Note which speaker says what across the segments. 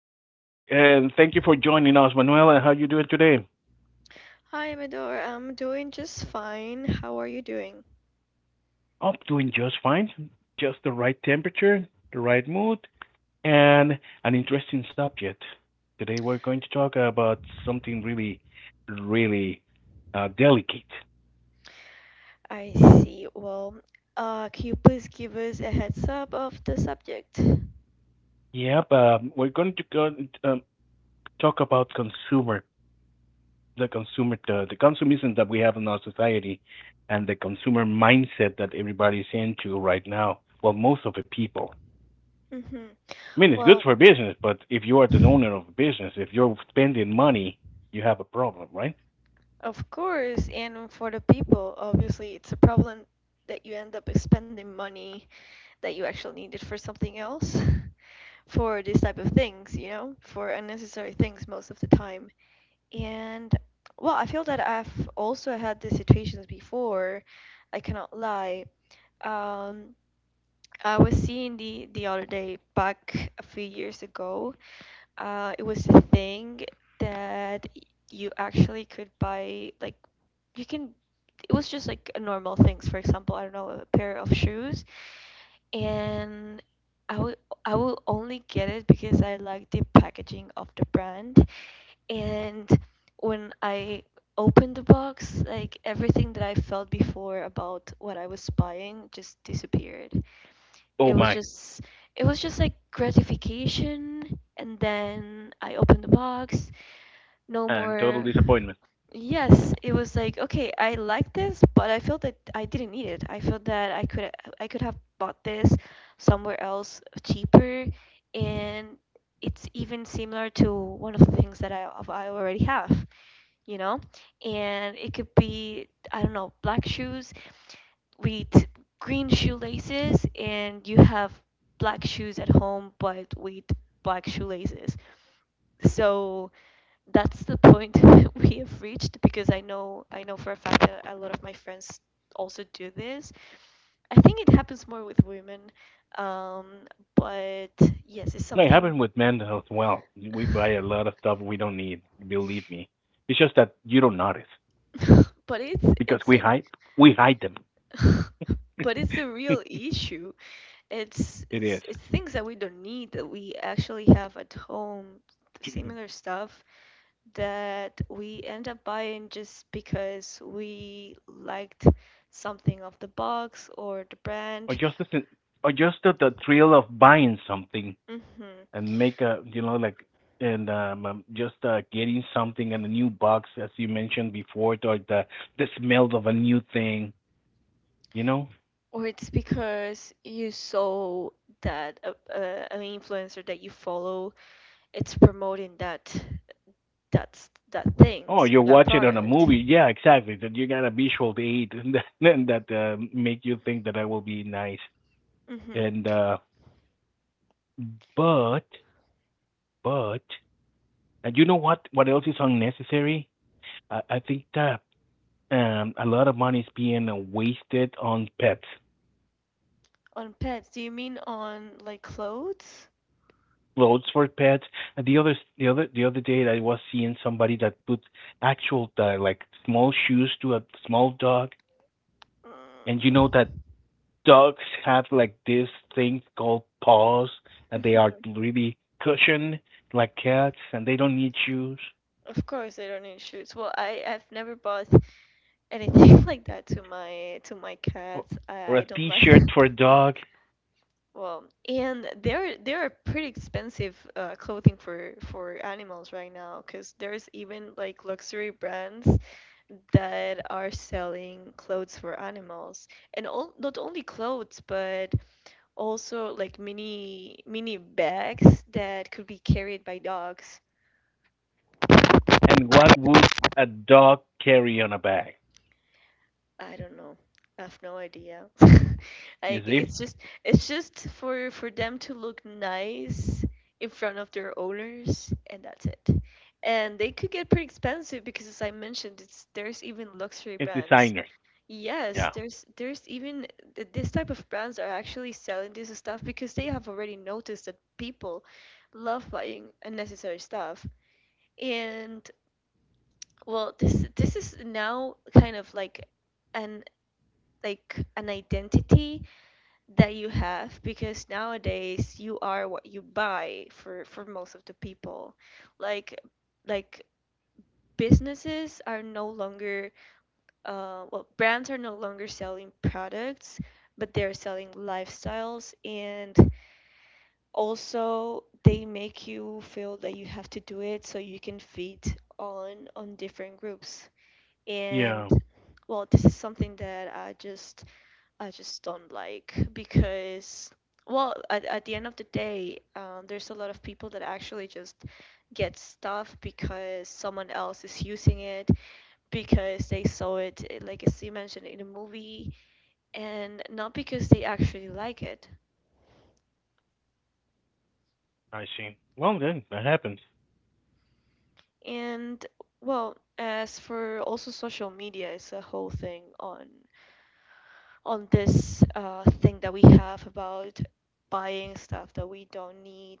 Speaker 1: Good day, and thank you for joining us, Manuela. How you doing today?
Speaker 2: Hi, Amador. I'm doing just fine. How are you doing?
Speaker 1: I'm doing just fine. Just the right temperature, the right mood, and an interesting subject. Today we're going to talk about something really, really, delicate.
Speaker 2: I see. Well, can you please give us a heads up of the subject?
Speaker 1: Yep, we're going to um, talk about the consumism that we have in our society, and the consumer mindset that everybody's into right now. Well, most of the people.
Speaker 2: Hmm.
Speaker 1: I mean, it's good
Speaker 2: Well,
Speaker 1: for business, but if you are the owner of a business, if you're spending money, you have a problem, right?
Speaker 2: of course, and for the people, obviously, it's a problem that you end up spending money that you actually needed for something else, for these type of things, for unnecessary things most of the time. And well, I feel that I've also had these situations before. I cannot lie. Um, I was seeing the other day back a few years ago. It was a thing that you actually could buy like you can. It was just like a normal things. For example, I don't know, a pair of shoes, and I will I will only get it because I like the packaging of the brand. And when I opened the box, like everything that I felt before about what I was buying just disappeared.
Speaker 1: Oh
Speaker 2: it was
Speaker 1: my,
Speaker 2: just it was just like gratification, and then I opened the box, no
Speaker 1: and total
Speaker 2: more.
Speaker 1: disappointment.
Speaker 2: Yes, it was like, okay, I like this, but I felt that I didn't need it. I felt that I could have bought this somewhere else cheaper, and it's even similar to one of the things that I already have you know and it could be, I don't know, black shoes with green shoelaces, and you have black shoes at home but with black shoelaces. So that's the point we have reached, because I know for a fact that a lot of my friends also do this. I think it happens more with women. um, but yes, it's
Speaker 1: No, it
Speaker 2: something.
Speaker 1: happened with men as well. We buy a lot of stuff we don't need. Believe me, it's just that you don't notice
Speaker 2: but
Speaker 1: because
Speaker 2: it's
Speaker 1: we
Speaker 2: an
Speaker 1: hide we hide them.
Speaker 2: But it's a real issue. it's
Speaker 1: It
Speaker 2: it's
Speaker 1: is.
Speaker 2: it's things that we don't need that we actually have at home, similar stuff that we end up buying just because we liked something of the box or the
Speaker 1: or
Speaker 2: brand.
Speaker 1: just the or just the thrill of buying something,
Speaker 2: Hmm.
Speaker 1: and make a you know like and just getting something in a new box, as you mentioned before, or the smell of a new thing you know
Speaker 2: Or it's because you saw that a, an influencer that you follow it's promoting that
Speaker 1: oh,
Speaker 2: things
Speaker 1: you're
Speaker 2: or that
Speaker 1: watching on a
Speaker 2: product.
Speaker 1: movie. Yeah, exactly, that you got a visual aid. And that make you think that that will be nice.
Speaker 2: Hmm.
Speaker 1: And uh but but and you know what else is unnecessary. I think that a lot of money is being wasted on pets.
Speaker 2: On pets? Do you mean on like clothes?
Speaker 1: Clothes for pets. And the other day, I was seeing somebody that put actual, like, small shoes to a small dog, and you
Speaker 2: Mm.
Speaker 1: know that dogs have, like, this thing called paws, and they are
Speaker 2: Mhm.
Speaker 1: really cushioned like cats, and they don't need shoes,
Speaker 2: Of course, they don't need shoes. Well, I've never bought anything like that to my
Speaker 1: or,
Speaker 2: cats. I, I
Speaker 1: a
Speaker 2: don't like.
Speaker 1: T-shirt for a dog.
Speaker 2: Well, and there are pretty expensive clothing for animals right now because there's even like luxury brands that are selling clothes for animals, and all, not only clothes but also like mini bags that could be carried by dogs.
Speaker 1: And what would a dog carry on a bag?
Speaker 2: I don't know. I have no idea.
Speaker 1: You
Speaker 2: Like
Speaker 1: see,
Speaker 2: it's just for them to look nice in front of their owners, and that's it. And they could get pretty expensive because, as I mentioned, it's there's even luxury
Speaker 1: it's
Speaker 2: brands.
Speaker 1: designer.
Speaker 2: Yes,
Speaker 1: Yeah.
Speaker 2: there's even this type of brands are actually selling this stuff because they have already noticed that people love buying unnecessary stuff. And well, this is now kind of an like an identity that you have, because nowadays you are what you buy, for most of the people. Like, like businesses are no longer, well, brands are no longer selling products, but they're selling lifestyles, and also they make you feel that you have to do it so you can fit on different groups. And
Speaker 1: Yeah,
Speaker 2: well, this is something that I just don't like, because, well, at the end of the day, there's a lot of people that actually just get stuff because someone else is using it, because they saw it, like, as you mentioned, in a movie, and not because they actually like it.
Speaker 1: I see. Well, then that happens.
Speaker 2: And, well, as for also social media, it's a whole thing on this thing that we have about buying stuff that we don't need.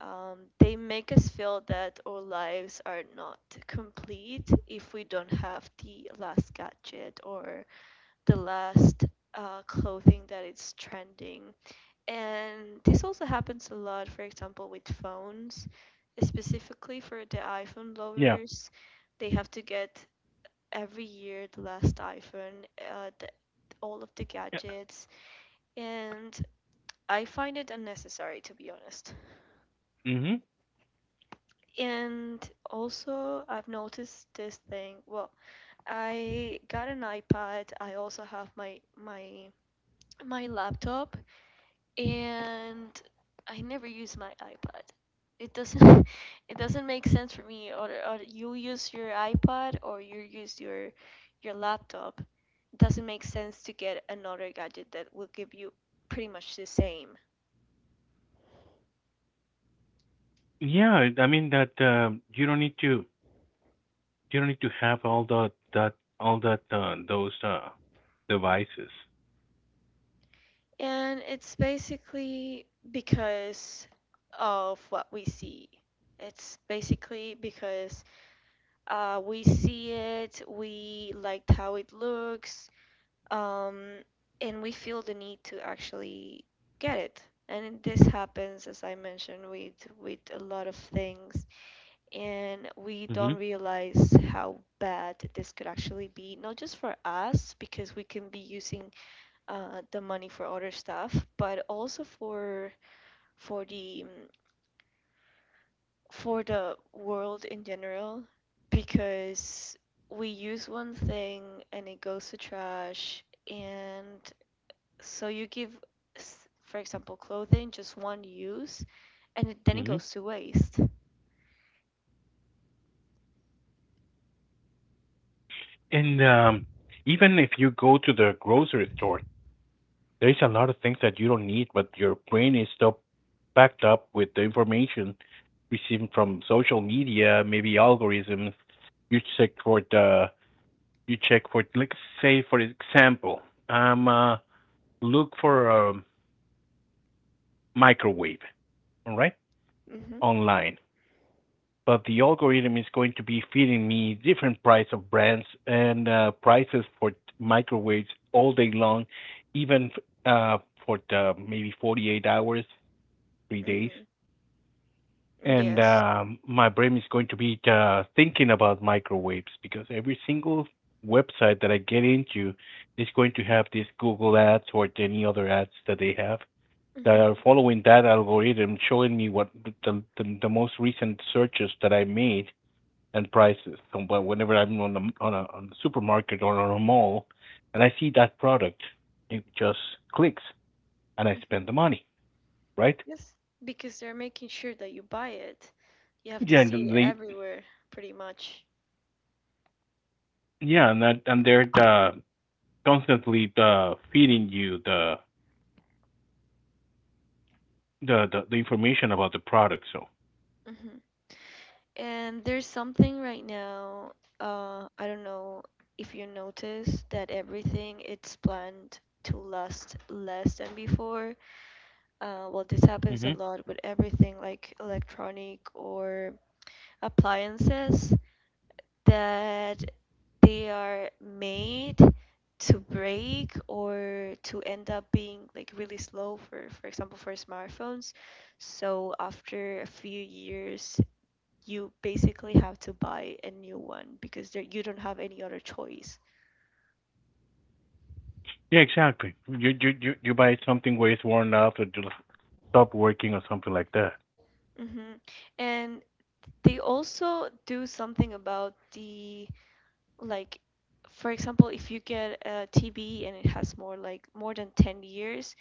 Speaker 2: They make us feel that our lives are not complete if we don't have the last gadget or the last clothing that is trending. And this also happens a lot, for example, with phones, specifically for the iPhone
Speaker 1: Yeah.
Speaker 2: lovers. They have to get every year the last iPhone, all of the
Speaker 1: Yeah.
Speaker 2: gadgets, and I find it unnecessary, to be honest.
Speaker 1: Mhm.
Speaker 2: And also, I've noticed this thing. Well, I got an iPad. I also have my laptop, and I never use my iPad. It doesn't it doesn't make sense for me. Or you use your iPad or you use your laptop. It doesn't make sense to get another gadget that will give you pretty much the same.
Speaker 1: Yeah, I mean that, you don't need to have all the that all that those devices.
Speaker 2: And it's basically because of what we see. It's basically because we see it, we liked how it looks, um, and we feel the need to actually get it. And this happens, as I mentioned, with a lot of things, and we don't
Speaker 1: Hmm.
Speaker 2: realize how bad this could actually be, not just for us, because we can be using the money for other stuff, but also for the mm, for the world in general, because we use one thing and it goes to trash, and so you give, for example, clothing just one use, and then it
Speaker 1: Hmm.
Speaker 2: goes to waste.
Speaker 1: And even if you go to the grocery store, there is a lot of things that you don't need, but your brain is still packed up with the information received from social media, maybe algorithms. You check for the you check for like say for example, um, uh, look for a microwave. All right,
Speaker 2: Mhm.
Speaker 1: online, but the algorithm is going to be feeding me different price of brands and prices for microwaves all day long, even uh, for the maybe 48 hours, 3 days.
Speaker 2: Mhm.
Speaker 1: And
Speaker 2: Yes.
Speaker 1: my brain is going to be thinking about microwaves because every single website that I get into is going to have these Google ads or any other ads that they have, that are
Speaker 2: Mhm.
Speaker 1: following that algorithm, showing me what the most recent searches that I made and prices. So whenever I'm on the supermarket or on a mall, and I see that product, it just clicks, and I spend
Speaker 2: Mhm.
Speaker 1: the money, right?
Speaker 2: Yes, because they're making sure that you buy it. You have to
Speaker 1: Yeah,
Speaker 2: see
Speaker 1: and
Speaker 2: it
Speaker 1: they
Speaker 2: everywhere, pretty much.
Speaker 1: yeah, and they're constantly feeding you the information about the product. So.
Speaker 2: Hmm. And there's something right now, I don't know if you notice that everything it's planned to last less than before. Well, this happens a
Speaker 1: Hmm.
Speaker 2: lot with everything like electronic or appliances that they are made to break or to end up being like really slow for example, for smartphones. So after a few years you basically have to buy a new one because there you don't have any other choice.
Speaker 1: Yeah, exactly. You buy something where it's worn out or just stop working or something like that.
Speaker 2: Hmm. And they also do something about the, like, for example, if you get a TB and it has more, like more than 10 years,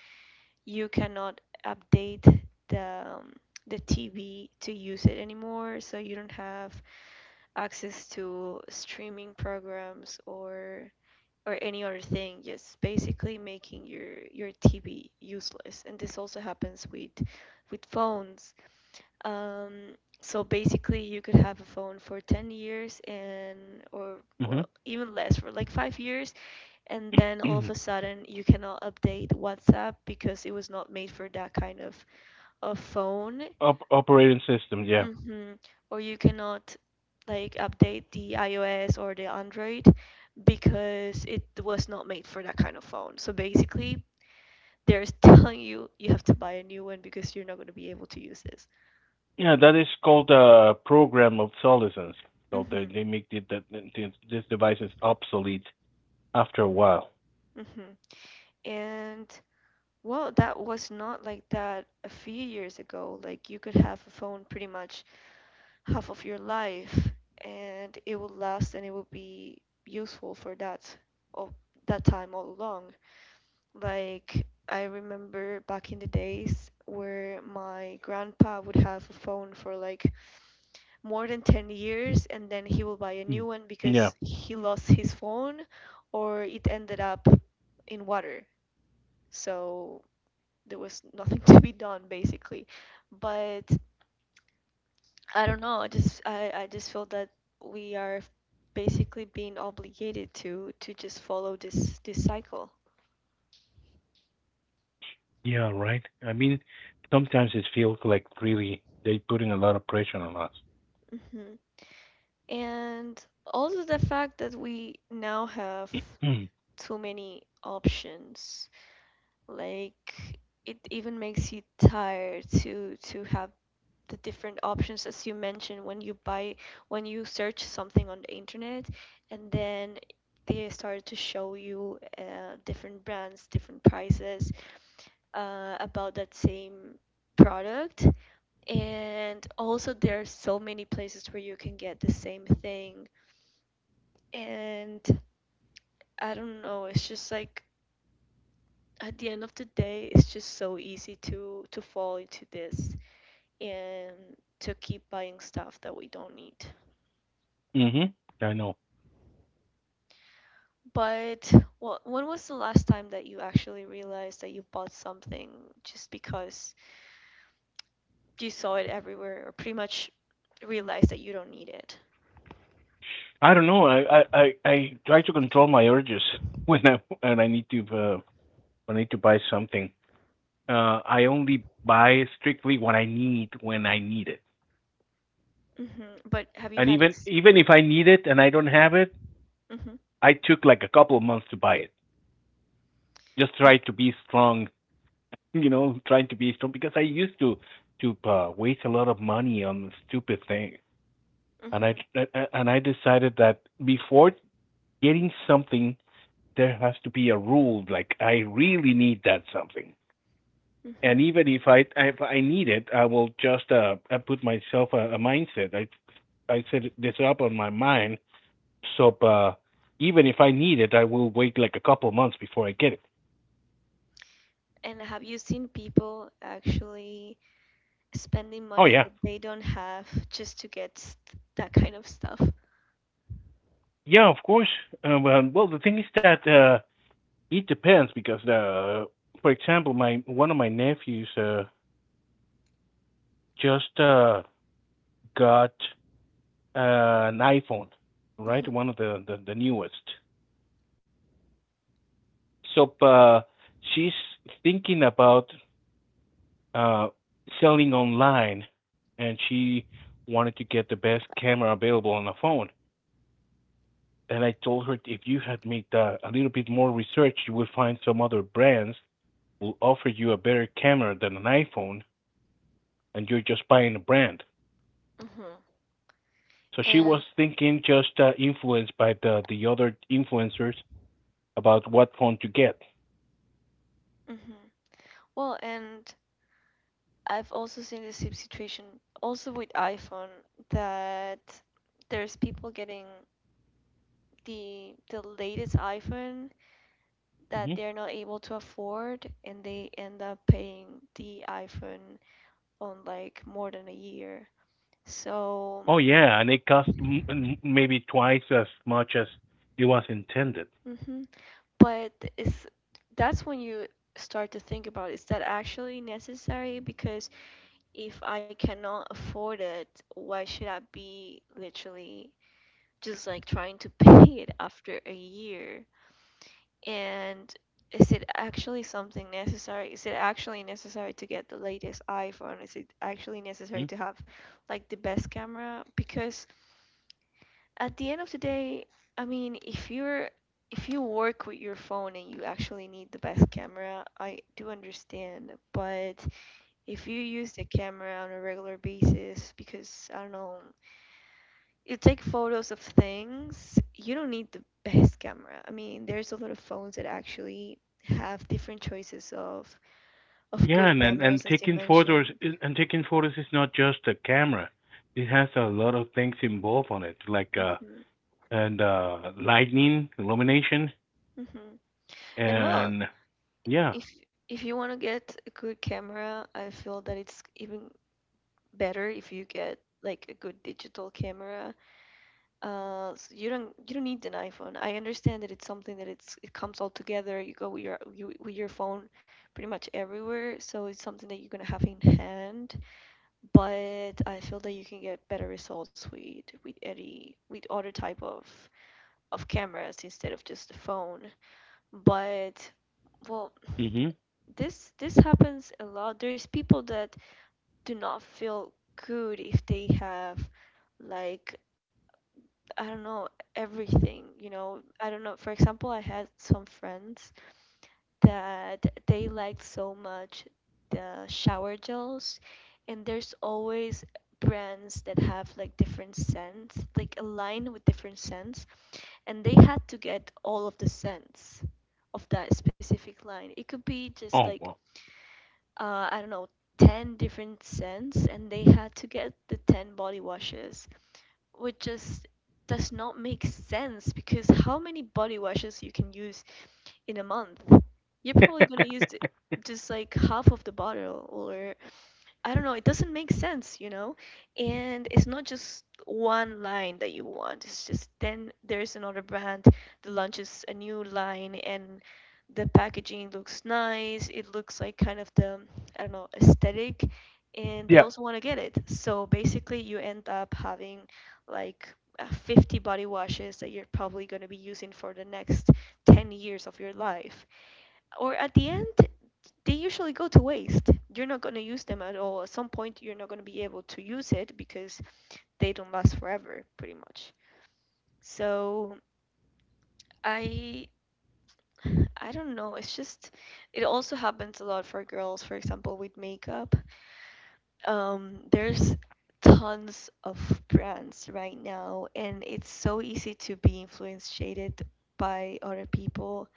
Speaker 2: you cannot update the um, the TV to use it anymore, so you don't have access to streaming programs or any other thing, just basically making your TV useless. And this also happens with phones. Um, so basically, you could have a phone for 10 years, and, or well, even less for like 5 years, and then all of
Speaker 1: Hmm.
Speaker 2: a sudden you cannot update WhatsApp because it was not made for that kind of phone.
Speaker 1: Operating system, yeah.
Speaker 2: Hmm. Or you cannot, like, update the iOS or the Android because it was not made for that kind of phone. So basically, they're telling you have to buy a new one because you're not going to be able to use this.
Speaker 1: Yeah, that is called a program obsolescence. So they,
Speaker 2: Mhm.
Speaker 1: they make these devices obsolete after a while.
Speaker 2: Mhm. And well, that was not like that a few years ago. Like, you could have a phone pretty much half of your life and it would last, and it would be useful for that, of that time, all along. Like, I remember back in the days where my grandpa would have a phone for like more than 10 years, and then he will buy a new
Speaker 1: Mm.
Speaker 2: one
Speaker 1: Yeah,
Speaker 2: because he lost his phone or it ended up in water. So there was nothing to be done, basically. But I don't know, I just feel that we are basically being obligated to just follow this cycle.
Speaker 1: yeah, right. I mean, sometimes it feels like really they're putting a lot of pressure on us.
Speaker 2: Hmm. And also the fact that we now have
Speaker 1: Mm.
Speaker 2: too many options. Like, it even makes you tired to have the different options, as you mentioned, when you search something on the internet, and then they started to show you different brands, different prices, about that same product. And also there are so many places where you can get the same thing, and I don't know, it's just like, at the end of the day, it's just so easy to fall into this and to keep buying stuff that we don't need.
Speaker 1: Mm-hmm. I know.
Speaker 2: But what when was the last time that you actually realized that you bought something just because you saw it everywhere, or pretty much realized that you don't need it?
Speaker 1: I don't know. I try to control my urges when I and I need to uh, when I need to buy something. I only buy strictly what I need when I need it.
Speaker 2: Hmm. But have you
Speaker 1: And
Speaker 2: had
Speaker 1: even even if I need it and I don't have it,
Speaker 2: Hmm.
Speaker 1: I took like a couple of months to buy it. Just
Speaker 2: Mm-hmm.
Speaker 1: try to be strong, trying to be strong because I used to waste a lot of money on stupid things, and I
Speaker 2: Mm-hmm.
Speaker 1: decided that before getting something, there has to be a rule. Like I really need that something, and
Speaker 2: Mm-hmm.
Speaker 1: even if I need it, I will just I put myself a mindset. I set this up on my mind, so, even if I need it, I will wait like a couple of months before I get it.
Speaker 2: And have you seen people actually spending
Speaker 1: Oh
Speaker 2: money
Speaker 1: yeah.
Speaker 2: that they don't have just to get that kind of stuff?
Speaker 1: Yeah, of course. Well, the thing is that it depends because, for example, my one of my nephews just got an iPhone, right?
Speaker 2: Hmm.
Speaker 1: One of the newest. So she's thinking about uh, selling online, and she wanted to get the best camera available on a phone. And I told her if you had made a little bit more research, you would find some other brands will offer you a better camera than an iPhone, and you're just buying a brand.
Speaker 2: Hmm.
Speaker 1: So she
Speaker 2: And.
Speaker 1: was thinking just influenced by the other influencers about what phone to get.
Speaker 2: Hmm, well, and I've also seen the same situation, also with iPhone, that there's people getting the latest iPhone that
Speaker 1: Hmm.
Speaker 2: they're not able to afford, and they end up paying the iPhone on like more than a year. So,
Speaker 1: Oh yeah, and it cost maybe twice as much as it was intended.
Speaker 2: mhm. But it's that's when you start to think about, is that actually necessary? Because if I cannot afford it, why should I be literally just like trying to pay it after a year? And is it actually something necessary? Is it actually necessary to get the latest iPhone? Is it actually necessary
Speaker 1: Mhm.
Speaker 2: to have like the best camera? Because at the end of the day, I mean, if you work with your phone and you actually need the best camera, I do understand. But if you use the camera on a regular basis, because I don't know, you take photos of things, you don't need the best camera. I mean, there's a lot of phones that actually have different choices of
Speaker 1: Yeah,
Speaker 2: good
Speaker 1: and, and
Speaker 2: cameras,
Speaker 1: and
Speaker 2: as you
Speaker 1: taking photos
Speaker 2: mentioned.
Speaker 1: and taking photos is not just a camera. It has a lot of things involved on it, like
Speaker 2: Hmm.
Speaker 1: and lightning, illumination,
Speaker 2: Hmm. And well,
Speaker 1: and yeah.
Speaker 2: if if you want to get a good camera, I feel that it's even better if you get like a good digital camera. So you don't need an iPhone. I understand that it's something that it comes all together. You go with with your phone pretty much everywhere, so it's something that you're gonna have in hand. But I feel that you can get better results with other type of cameras instead of just the phone. But well,
Speaker 1: Hmm.
Speaker 2: this happens a lot. There's people that do not feel good if they have like I don't know everything. I don't know. For example, I had some friends that they liked so much the shower gels, and there's always brands that have like different scents, like a line with different scents, and they had to get all of the scents of that specific line. It could be just
Speaker 1: Oh
Speaker 2: like
Speaker 1: wow.
Speaker 2: I don't know, 10 different scents, and they had to get the 10 body washes which just does not make sense because how many body washes you can use in a month? You're probably gonna use just like half of the bottle or I don't know, it doesn't make sense, you know? And it's not just one line that you want. It's just then there's another brand that launches a new line and the packaging looks nice. It looks like kind of the, I don't know, aesthetic. And they
Speaker 1: Yeah.
Speaker 2: also want to get it. So basically, you end up having like 50 body washes that you're probably going to be using for the next 10 years of your life, or at the end they usually go to waste. You're not going to use them at all. At some point, you're not going to be able to use it because they don't last forever, pretty much. So I I don't know. It's just it also happens a lot for girls, for example, with makeup. There's tons of brands right now, and it's so easy to be influenced shaded by other people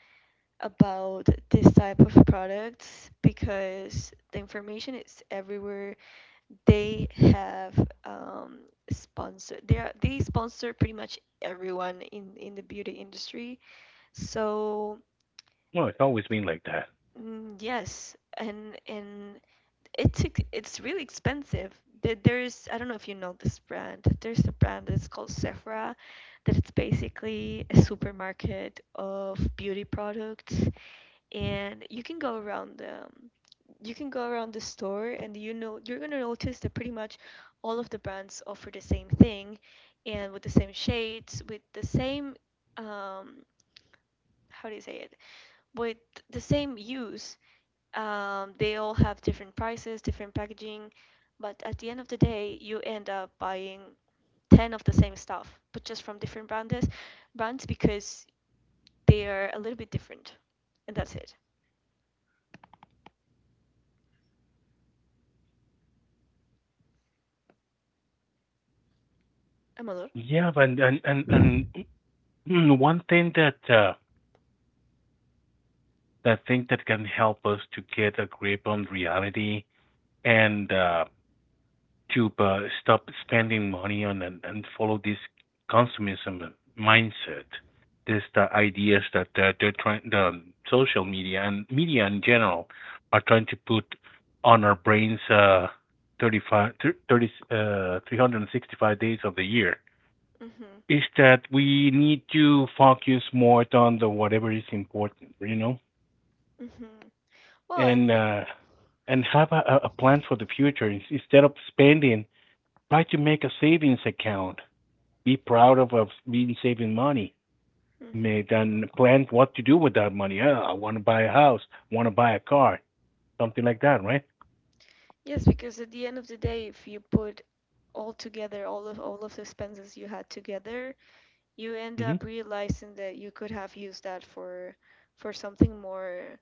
Speaker 2: about this type of products because the information is everywhere. They have um, sponsor. They sponsor pretty much everyone in the beauty industry. So
Speaker 1: Well, it's always been like that.
Speaker 2: yes, and it's it's really expensive. There's, I don't know if you know this brand. There's a brand that's called Sephora, that it's basically a supermarket of beauty products, and you can go around the store, and you know you're gonna notice that pretty much all of the brands offer the same thing and with the same shades with the same um how do you say it, with the same use. They all have different prices, different packaging, but at the end of the day you end up buying 10 of the same stuff but just from different brands because they are a little bit different and that's it. Amador?
Speaker 1: Yeah, but and mm, mm, one thing that that thing that can help us to get a grip on reality, and to stop spending money on, and follow this consumerism mindset. This the ideas that the social media and media in general are trying to put on our brains, 35, 30, 365 days of the year.
Speaker 2: Hmm.
Speaker 1: Is that we need to focus more on the whatever is important,
Speaker 2: Mm-hmm. Well,
Speaker 1: and
Speaker 2: and
Speaker 1: have a plan for the future. Instead of spending. Try to make a savings account. Be proud of being saving money. May
Speaker 2: hmm
Speaker 1: then plan what to do with that money. Oh, I want to buy a house. Want to buy a car. Something like that, right?
Speaker 2: yes, because at the end of the day, if you put all together, all of the expenses you had together, you end
Speaker 1: Mhm.
Speaker 2: up realizing that you could have used that for something more,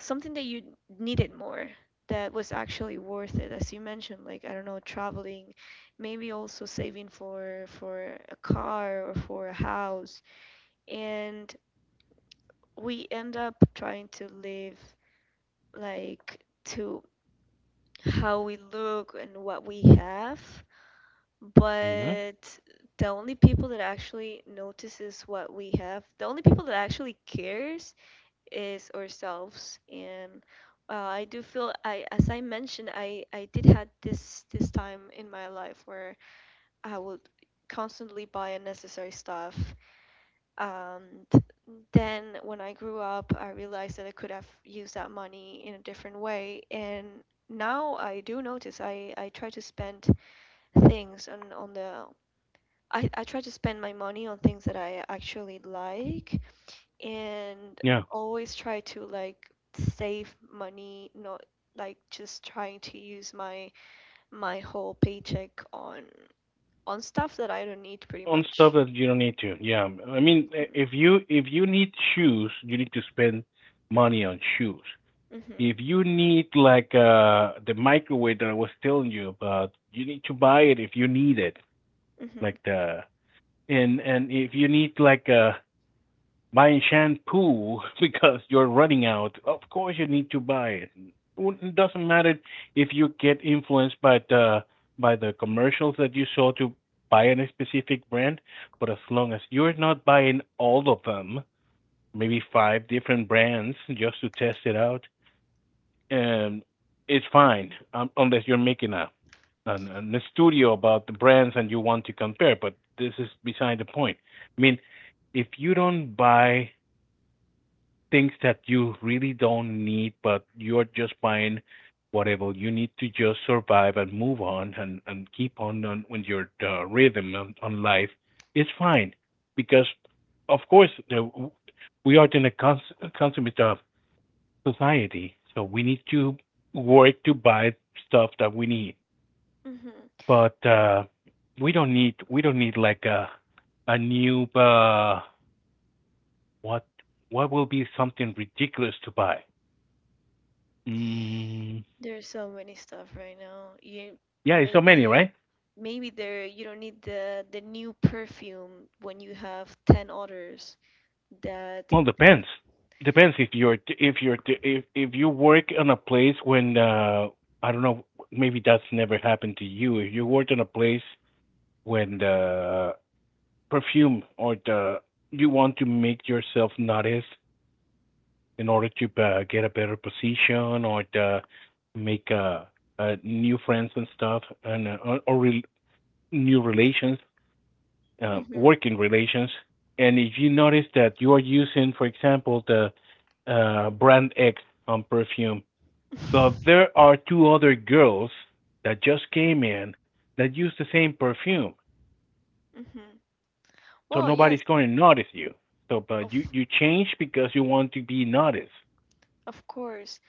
Speaker 2: something that you needed more, that was actually worth it, as you mentioned, like I don't know, traveling, maybe also saving for a car or for a house, and we end up trying to live like. to how we look and what we have,
Speaker 1: Mhm.
Speaker 2: but the only people that actually notices what we have, the only people that actually cares is ourselves. And I do feel as I mentioned, I did had this time in my life where I would constantly buy unnecessary stuff, and then when I grew up, I realized that I could have used that money in a different way. And now I do notice. I try to spend things on the. I try to spend my money on things that I actually like, and
Speaker 1: Yeah.
Speaker 2: always try to like save money, not like just trying to use my whole paycheck on stuff that I don't need pretty
Speaker 1: On stuff
Speaker 2: much.
Speaker 1: that you don't need to. Yeah. I mean,
Speaker 2: Hmm.
Speaker 1: if you need shoes, you need to spend money on shoes.
Speaker 2: Hmm.
Speaker 1: If you need like the microwave that I was telling you about, you need to buy it if you need it.
Speaker 2: Hmm.
Speaker 1: Like the and if you need, like, buying shampoo because you're running out, of course you need to buy it. It doesn't matter if you get influenced by the commercials that you saw to buy a specific brand, but as long as you're not buying all of them, maybe five different brands just to test it out, and it's fine, unless you're making a an a studio about the brands and you want to compare. But this is beside the point. I mean, if you don't buy things that you really don't need, but you're just buying whatever you need to just survive and move on, and keep on with your rhythm on life, it's fine because of course we are in a uh, society. So we need to work to buy stuff that we need.
Speaker 2: Hmm.
Speaker 1: But we don't need, like a new what, will be something ridiculous to buy? Mm,
Speaker 2: There's so many stuff right now. You
Speaker 1: yeah, it's so many,
Speaker 2: maybe
Speaker 1: right?
Speaker 2: maybe there you don't need the new perfume when you have 10 others that
Speaker 1: Well,
Speaker 2: they.
Speaker 1: depends. Depends if you work in a place when I don't know, maybe that's never happened to you. If you worked in a place when the perfume or the you want to make yourself noticed in order to get a better position, or to make new friends and stuff, and new relations,
Speaker 2: Mhm.
Speaker 1: working relations. And if you notice that you are using, for example, the brand X on perfume, but
Speaker 2: Mhm.
Speaker 1: there are two other girls that just came in that use the same perfume. So
Speaker 2: Well,
Speaker 1: nobody's
Speaker 2: yes,
Speaker 1: going to notice you. So, but
Speaker 2: of
Speaker 1: you change because you want to be noticed.
Speaker 2: of course.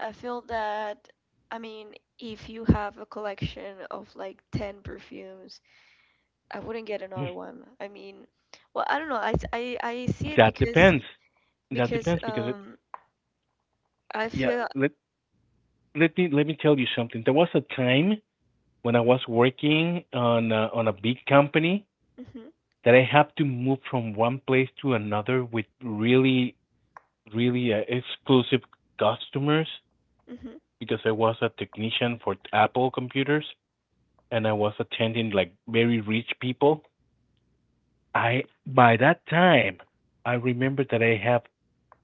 Speaker 2: I feel that, I mean, if you have a collection of like 10 perfumes, I wouldn't get another one. I mean, well, I don't know. I see it
Speaker 1: That
Speaker 2: because
Speaker 1: depends. That
Speaker 2: because
Speaker 1: depends because it,
Speaker 2: um I
Speaker 1: yeah.
Speaker 2: feel.
Speaker 1: Let me tell you something. There was a time when I was working on a big company
Speaker 2: Mhm.
Speaker 1: that I had to move from one place to another with really, really, exclusive customers because I was a technician for Apple computers and I was attending like very rich people I By that time I remember that I have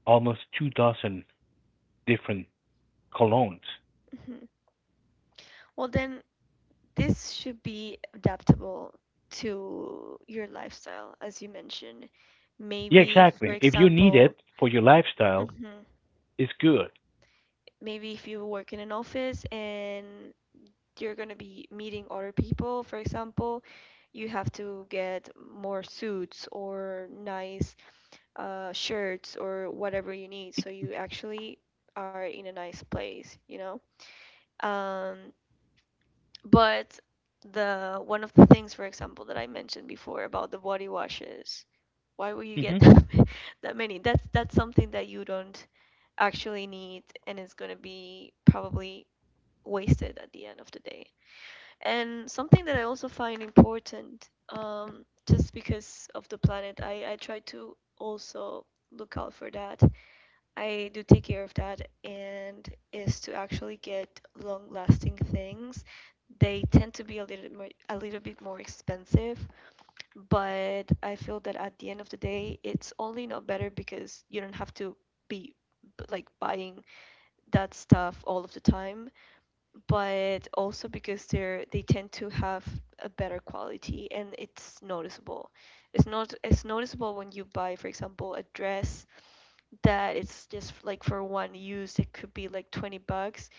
Speaker 1: almost two dozen different colognes.
Speaker 2: Mhm. Well, then this should be adaptable to your lifestyle, as you mentioned.
Speaker 1: Yeah,
Speaker 2: Maybe, for
Speaker 1: exactly. If you need
Speaker 2: example,
Speaker 1: it for your lifestyle,
Speaker 2: hmm
Speaker 1: it's good.
Speaker 2: maybe if you work in an office and you're going to be meeting other people, for example, you have to get more suits or nice shirts or whatever you need so you actually are in a nice place, you know? Um, But the one of the things, for example, that I mentioned before about the body washes, why would you get that many? That's something that you don't actually need, and it's gonna be probably wasted at the end of the day. And something that I also find important, just because of the planet, I try to also look out for that. I do take care of that, and is to actually get long lasting things. They tend to be a little bit more expensive, but I feel that at the end of the day, it's only not better because you don't have to be like buying that stuff all of the time, but also because they tend to have a better quality and it's noticeable. It's not it's noticeable when you buy, for example, a dress that it's just like for one use it could be like 20 bucks,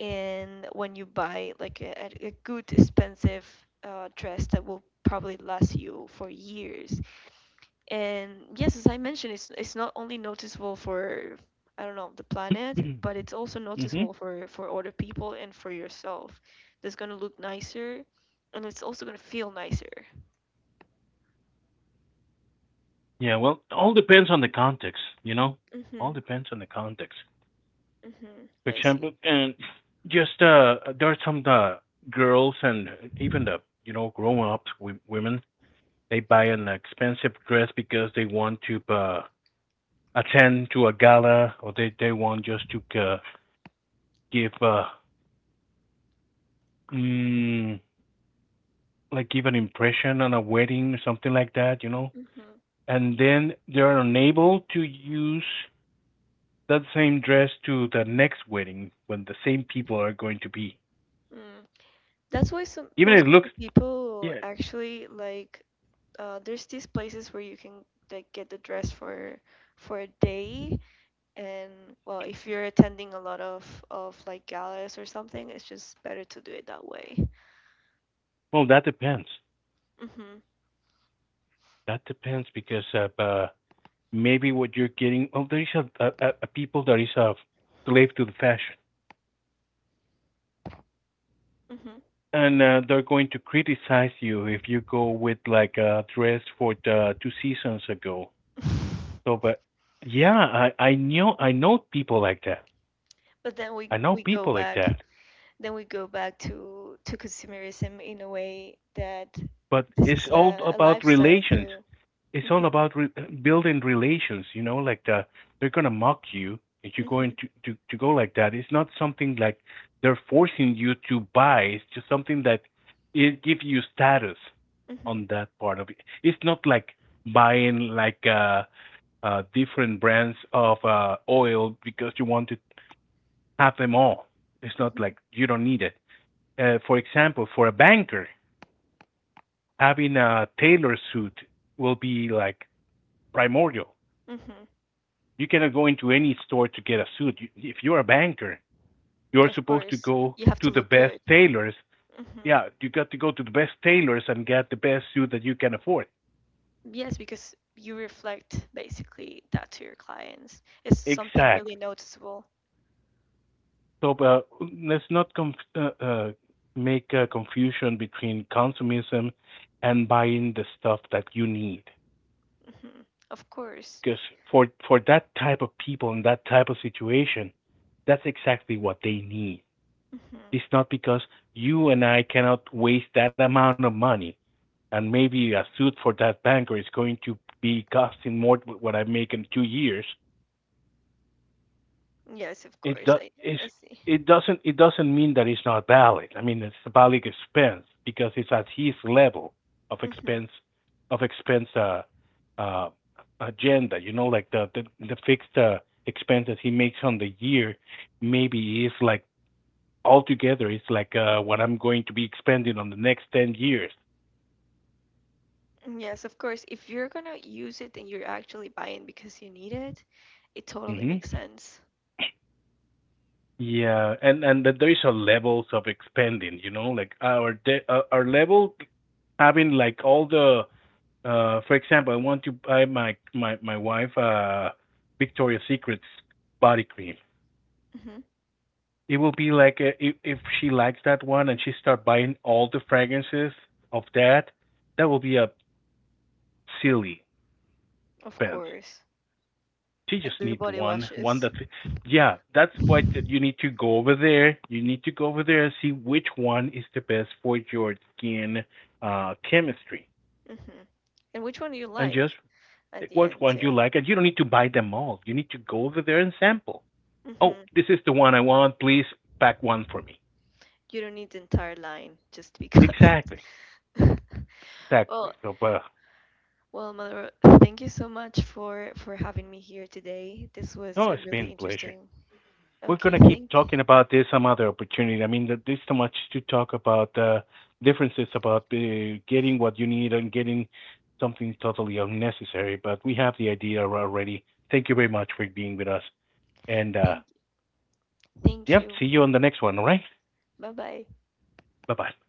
Speaker 2: and when you buy like a good expensive dress that will probably last you for years. And yes, as I mentioned, it's not only noticeable for I don't know the planet,
Speaker 1: Mm-hmm.
Speaker 2: but it's also
Speaker 1: Hmm.
Speaker 2: noticeable for other people and for yourself. That's going to look nicer, and it's also going to feel nicer.
Speaker 1: Yeah, well, all depends on the context, you know? All
Speaker 2: Mm-hmm.
Speaker 1: depends on the context.
Speaker 2: Mm-hmm.
Speaker 1: For
Speaker 2: I see.
Speaker 1: example, and just there are some the girls and even the grown up women, they buy an expensive dress because they want to attend to a gala, or they want just to give mm, like give an impression on a wedding or something like that.
Speaker 2: Mm-hmm.
Speaker 1: And then they're unable to use that same dress to the next wedding when the same people are going to be
Speaker 2: Mm. That's why some
Speaker 1: even if
Speaker 2: most
Speaker 1: it
Speaker 2: of
Speaker 1: looks.
Speaker 2: the people
Speaker 1: Yeah,
Speaker 2: actually like there's these places where you can like get the dress for a day, and well if you're attending a lot of like galas or something it's just better to do it that way.
Speaker 1: well, that depends.
Speaker 2: Mhm.
Speaker 1: That depends because maybe what you're getting. Oh, there is a people that is a slave to the fashion,
Speaker 2: Mhm.
Speaker 1: and they're going to criticize you if you go with like a dress for the two seasons ago. So, but yeah, I know people like that.
Speaker 2: But then
Speaker 1: I know people like that.
Speaker 2: we go back to consumerism in a way that
Speaker 1: But
Speaker 2: this
Speaker 1: it's
Speaker 2: is
Speaker 1: all
Speaker 2: a
Speaker 1: about
Speaker 2: lifestyle
Speaker 1: relations.
Speaker 2: too.
Speaker 1: It's all
Speaker 2: Mhm.
Speaker 1: about building relations, you know, like the they're gonna mock you if you're going
Speaker 2: Mhm.
Speaker 1: to, to go like that. It's not something like they're forcing you to buy. It's just something that it gives you status
Speaker 2: Mhm.
Speaker 1: on that part of it. It's not like buying like different brands of oil because you want to have them all. It's not
Speaker 2: Mhm.
Speaker 1: like you don't need it. For example, for a banker, having a tailor suit will be like primordial.
Speaker 2: Mhm.
Speaker 1: You cannot go into any store to get a suit. If you're a banker, you're
Speaker 2: Of
Speaker 1: supposed to
Speaker 2: course
Speaker 1: go
Speaker 2: you have
Speaker 1: to
Speaker 2: to
Speaker 1: the
Speaker 2: look
Speaker 1: best
Speaker 2: good.
Speaker 1: tailors.
Speaker 2: Hmm.
Speaker 1: Yeah, you got to go to the best tailors and get the best suit that you can afford.
Speaker 2: Yes, because you reflect basically that to your clients. It's something really
Speaker 1: Exactly.
Speaker 2: noticeable.
Speaker 1: So let's not make a confusion between consumerism and buying the stuff that you need.
Speaker 2: Hmm. Of course.
Speaker 1: Because for that type of people and that type of situation, that's exactly what they need.
Speaker 2: Hmm.
Speaker 1: It's not because you and I cannot waste that amount of money, and maybe a suit for that banker is going to be costing more than what I make in 2 years.
Speaker 2: Yes, of
Speaker 1: it
Speaker 2: course.
Speaker 1: do,
Speaker 2: I
Speaker 1: it's,
Speaker 2: I see.
Speaker 1: it doesn't, it doesn't mean that it's not valid. I mean, it's a valid expense because it's at his level of
Speaker 2: Hmm.
Speaker 1: expense of expense uh, uh, agenda. You know, like the fixed expenses he makes on the year, maybe it's like altogether it's like what I'm going to be expending on the next 10 years.
Speaker 2: Yes, of course. If you're gonna use it and you're actually buying because you need it, it totally
Speaker 1: Hmm.
Speaker 2: makes sense.
Speaker 1: Yeah, and that there is a levels of expanding, you know, like our de our level, having like all the for example, I want to buy my my wife Victoria's Secret's body cream.
Speaker 2: Hmm.
Speaker 1: It will be like if she likes that one and she start buying all the fragrances of that, that will be a silly
Speaker 2: Of
Speaker 1: expense.
Speaker 2: course.
Speaker 1: She
Speaker 2: Like
Speaker 1: just
Speaker 2: the
Speaker 1: needs
Speaker 2: body
Speaker 1: one
Speaker 2: washes.
Speaker 1: that. Yeah, that's why
Speaker 2: Hmm.
Speaker 1: you need to go over there, you need to go over there and see which one is the best for your skin chemistry,
Speaker 2: And which one do you
Speaker 1: and just
Speaker 2: like at
Speaker 1: pick
Speaker 2: the
Speaker 1: which
Speaker 2: end
Speaker 1: one you
Speaker 2: too?
Speaker 1: like, and you don't need to buy them all. You need to go over there and sample. Oh,
Speaker 2: Hmm.
Speaker 1: this is the one I want, please, pack one for me.
Speaker 2: You don't need the entire line just because.
Speaker 1: Exactly. Exactly.
Speaker 2: Well,
Speaker 1: So but
Speaker 2: Maloro, thank you so much for having me here today. This was
Speaker 1: no, it's
Speaker 2: really
Speaker 1: been a pleasure.
Speaker 2: interesting.
Speaker 1: We're
Speaker 2: Okay,
Speaker 1: gonna keep
Speaker 2: thank you,
Speaker 1: talking about this some other opportunity. I mean, there's so much to talk about, differences about getting what you need and getting something totally unnecessary. But we have the idea already. Thank you very much for being with us. And
Speaker 2: thank you, thank
Speaker 1: yep,
Speaker 2: you.
Speaker 1: see you on the next one. All right.
Speaker 2: Bye bye.
Speaker 1: Bye bye.